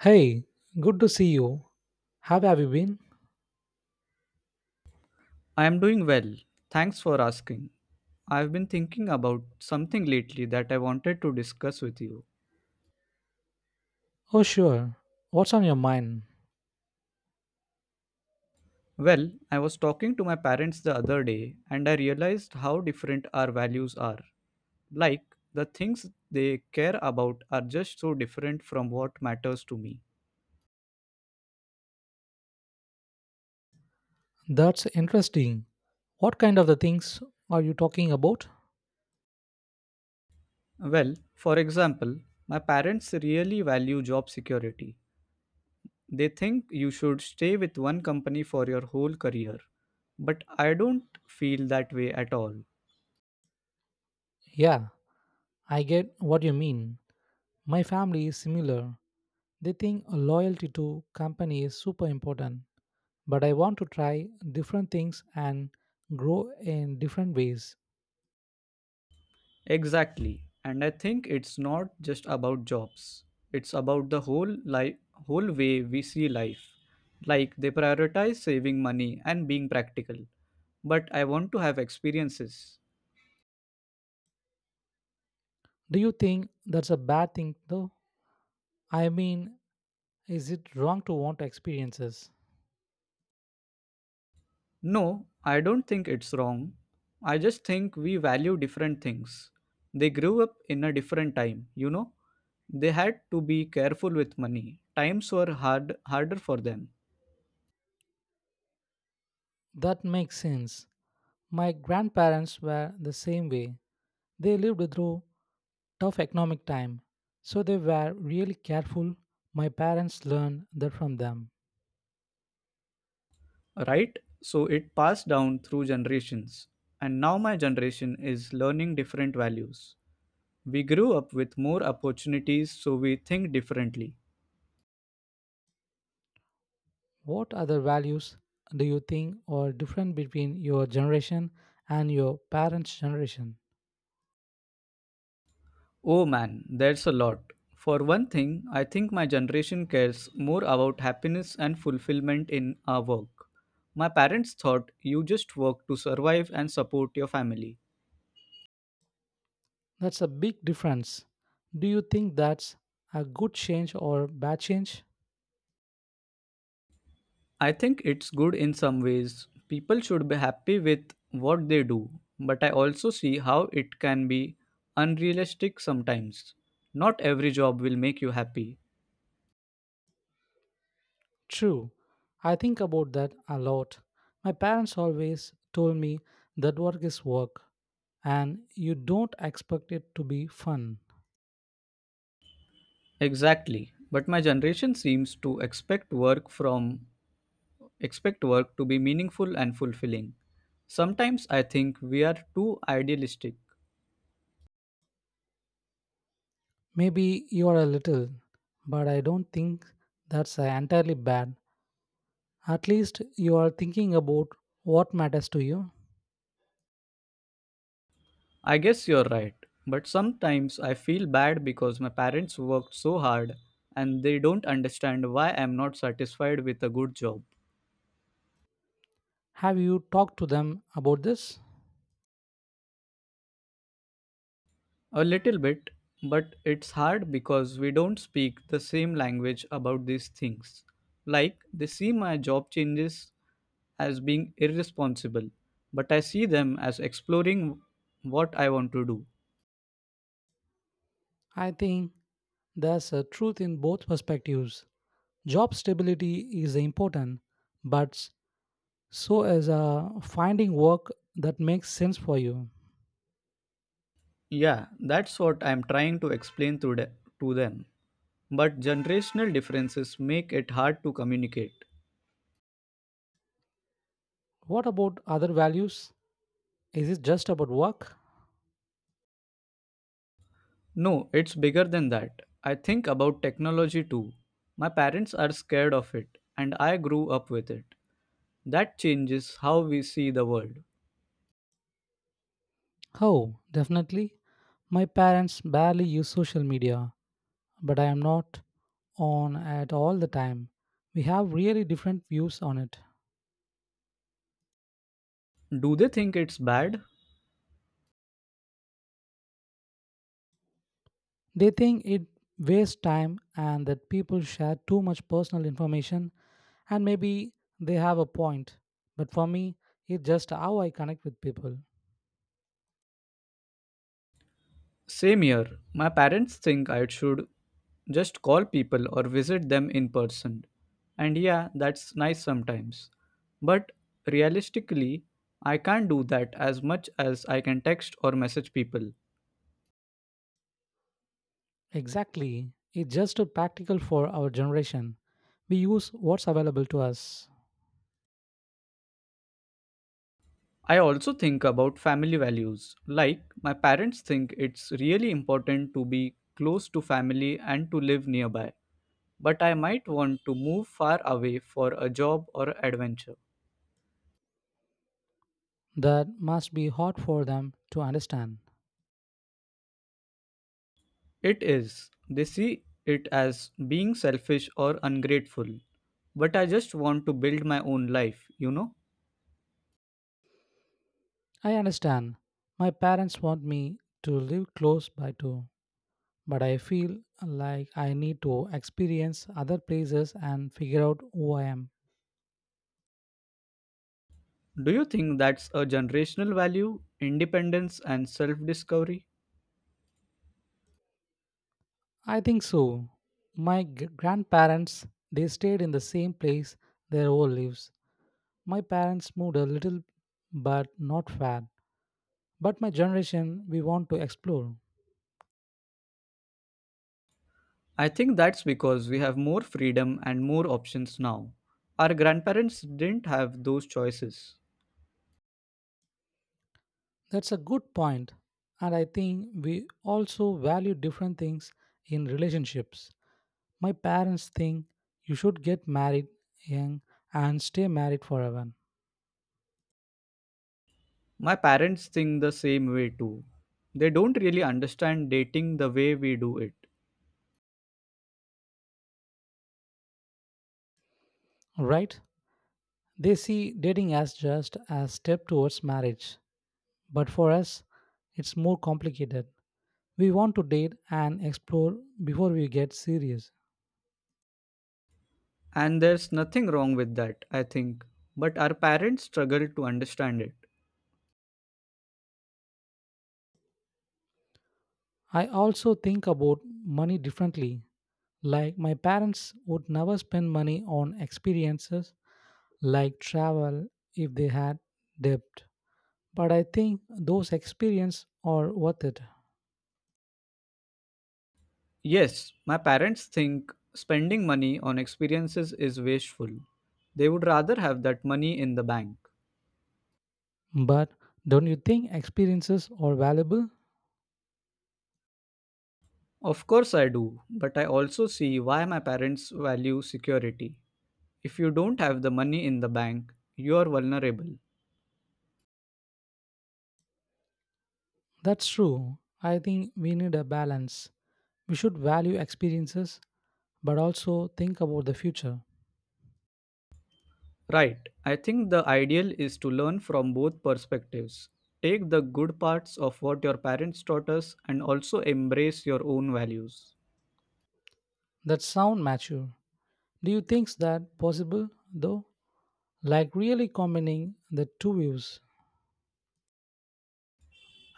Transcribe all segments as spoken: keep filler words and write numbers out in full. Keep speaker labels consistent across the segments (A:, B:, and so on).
A: Hey, good to see you. How have you been?
B: I am doing well. Thanks for asking. I've been thinking about something lately that I wanted to discuss with you.
A: Oh, sure. What's on your mind?
B: Well, I was talking to my parents the other day and I realized how different our values are. Like, the things they care about are just so different from what matters to me.
A: That's interesting. What kind of the things are you talking about?
B: Well, for example, my parents really value job security. They think you should stay with one company for your whole career. But I don't feel that way at all.
A: Yeah, I get what you mean. My family is similar. They think loyalty to company is super important, but I want to try different things and grow in different ways.
B: Exactly. And I think it's not just about jobs. It's about the whole life whole way we see life. Like, they prioritize saving money and being practical. But I want to have experiences.
A: Do you think that's a bad thing though? I mean, is it wrong to want experiences?
B: No, I don't think it's wrong. I just think we value different things. They grew up in a different time, you know? They had to be careful with money. Times were hard harder for them.
A: That makes sense. My grandparents were the same way. They lived through tough economic time, so they were really careful. My parents learned that from them.
B: Right? So it passed down through generations. And now my generation is learning different values. We grew up with more opportunities, so we think differently.
A: What other values do you think are different between your generation and your parents' generation?
B: Oh man, there's a lot. For one thing, I think my generation cares more about happiness and fulfillment in our work. My parents thought you just work to survive and support your family.
A: That's a big difference. Do you think that's a good change or bad change?
B: I think it's good in some ways. People should be happy with what they do, but I also see how it can be unrealistic sometimes. Not every job will make you happy.
A: True, I think about that a lot. My parents always told me that work is work and you don't expect it to be fun.
B: Exactly. But my generation seems to expect work from expect work to be meaningful and fulfilling. Sometimes I think we are too idealistic.
A: Maybe you are a little, but I don't think that's uh, entirely bad. At least you are thinking about what matters to you.
B: I guess you're right, but sometimes I feel bad because my parents worked so hard and they don't understand why I'm not satisfied with a good job.
A: Have you talked to them about this?
B: A little bit, but it's hard because we don't speak the same language about these things. Like, they see my job changes as being irresponsible, but I see them as exploring what I want to do.
A: I think there's a truth in both perspectives. Job stability is important, but so as uh, finding work that makes sense for you.
B: Yeah, that's what I'm trying to explain to, the- to them. But generational differences make it hard to communicate.
A: What about other values? Is it just about work?
B: No, it's bigger than that. I think about technology too. My parents are scared of it, and I grew up with it. That changes how we see the world.
A: Oh, definitely. My parents barely use social media, but I am not on at all the time. We have really different views on it.
B: Do they think it's bad?
A: They think it wastes time and that people share too much personal information, and maybe they have a point, but for me it's just how I connect with people.
B: Same here. My parents think I should just call people or visit them in person. And yeah, that's nice sometimes. But realistically, I can't do that as much as I can text or message people.
A: Exactly. It's just too practical for our generation. We use what's available to us.
B: I also think about family values. Like, my parents think it's really important to be close to family and to live nearby. But I might want to move far away for a job or adventure.
A: That must be hard for them to understand.
B: It is. They see it as being selfish or ungrateful. But I just want to build my own life, you know?
A: I understand. My parents want me to live close by too. But I feel like I need to experience other places and figure out who I am.
B: Do you think that's a generational value, independence, and self discovery?
A: I think so. My g- grandparents, they stayed in the same place their whole lives. My parents moved a little, but not far. But my generation, we want to explore.
B: I think that's because we have more freedom and more options now. Our grandparents didn't have those choices.
A: That's a good point. And I think we also value different things in relationships. My parents think you should get married young and stay married forever,
B: My parents think the same way too. They don't really understand dating the way we do it.
A: right? They see dating as just a step towards marriage. But for us, it's more complicated. We want to date and explore before we get serious.
B: And there's nothing wrong with that, I think. But our parents struggle to understand it.
A: I also think about money differently. Like, my parents would never spend money on experiences like travel if they had debt. But I think those experiences are worth it.
B: Yes, my parents think spending money on experiences is wasteful. They would rather have that money in the bank.
A: But don't you think experiences are valuable?
B: Of course, I do, but I also see why my parents value security. If you don't have the money in the bank, you are vulnerable.
A: That's true. I think we need a balance. We should value experiences but also think about the future.
B: Right. I think the ideal is to learn from both perspectives. Take the good parts of what your parents taught us and also embrace your own values.
A: That sound mature. Do you think that possible though? Like really combining the two views.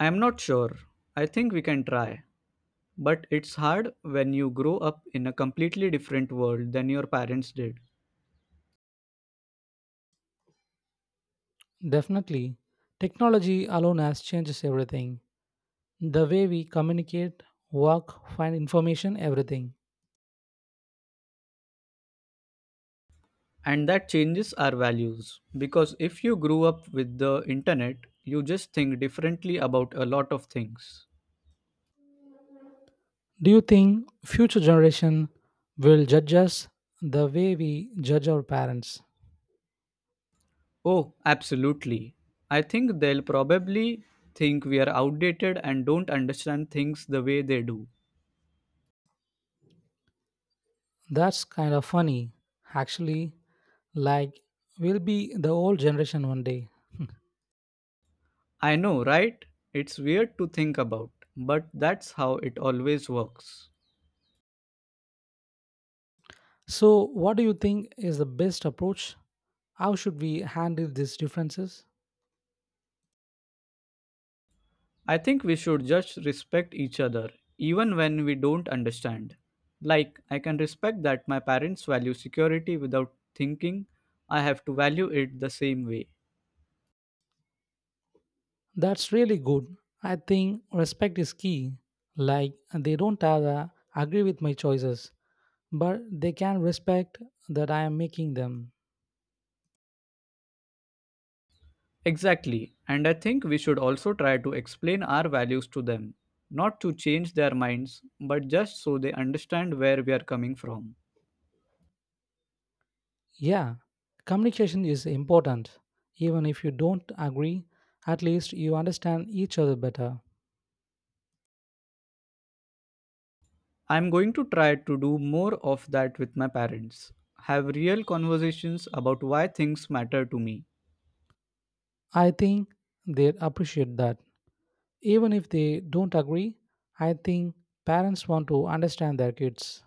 B: I am not sure. I think we can try. But it's hard when you grow up in a completely different world than your parents did.
A: Definitely. Technology alone has changes everything. The way we communicate, work, find information, everything.
B: And that changes our values. Because if you grew up with the internet, you just think differently about a lot of things.
A: Do you think future generation will judge us the way we judge our parents?
B: Oh, absolutely. I think they'll probably think we are outdated and don't understand things the way they do.
A: That's kind of funny. Actually, like we'll be the old generation one day.
B: I know, right? It's weird to think about, but that's how it always works.
A: So, what do you think is the best approach? How should we handle these differences?
B: I think we should just respect each other, even when we don't understand. Like, I can respect that my parents value security without thinking I have to value it the same way.
A: That's really good. I think respect is key. Like, they don't uh, agree with my choices, but they can respect that I am making them.
B: Exactly. And I think we should also try to explain our values to them, not to change their minds, but just so they understand where we are coming from.
A: Yeah, communication is important. Even if you don't agree, at least you understand each other better.
B: I'm going to try to do more of that with my parents, have real conversations about why things matter to me.
A: I think they appreciate that. Even if they don't agree, I think parents want to understand their kids.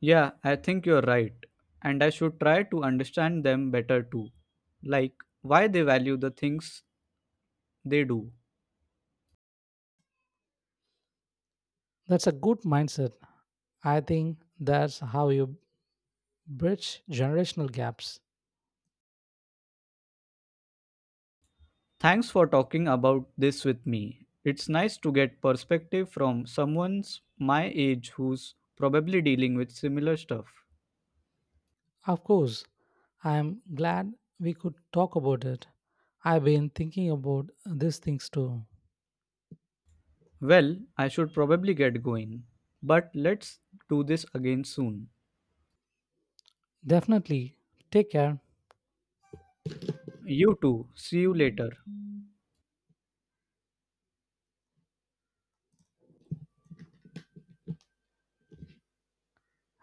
B: Yeah, I think you're right. And I should try to understand them better too, like why they value the things they do.
A: That's a good mindset. I think that's how you bridge generational gaps.
B: Thanks for talking about this with me. It's nice to get perspective from someone's my age who's probably dealing with similar stuff.
A: Of course, I am glad we could talk about it. I've been thinking about these things too.
B: Well, I should probably get going. But let's do this again soon.
A: Definitely. Take care.
B: You too. See you later.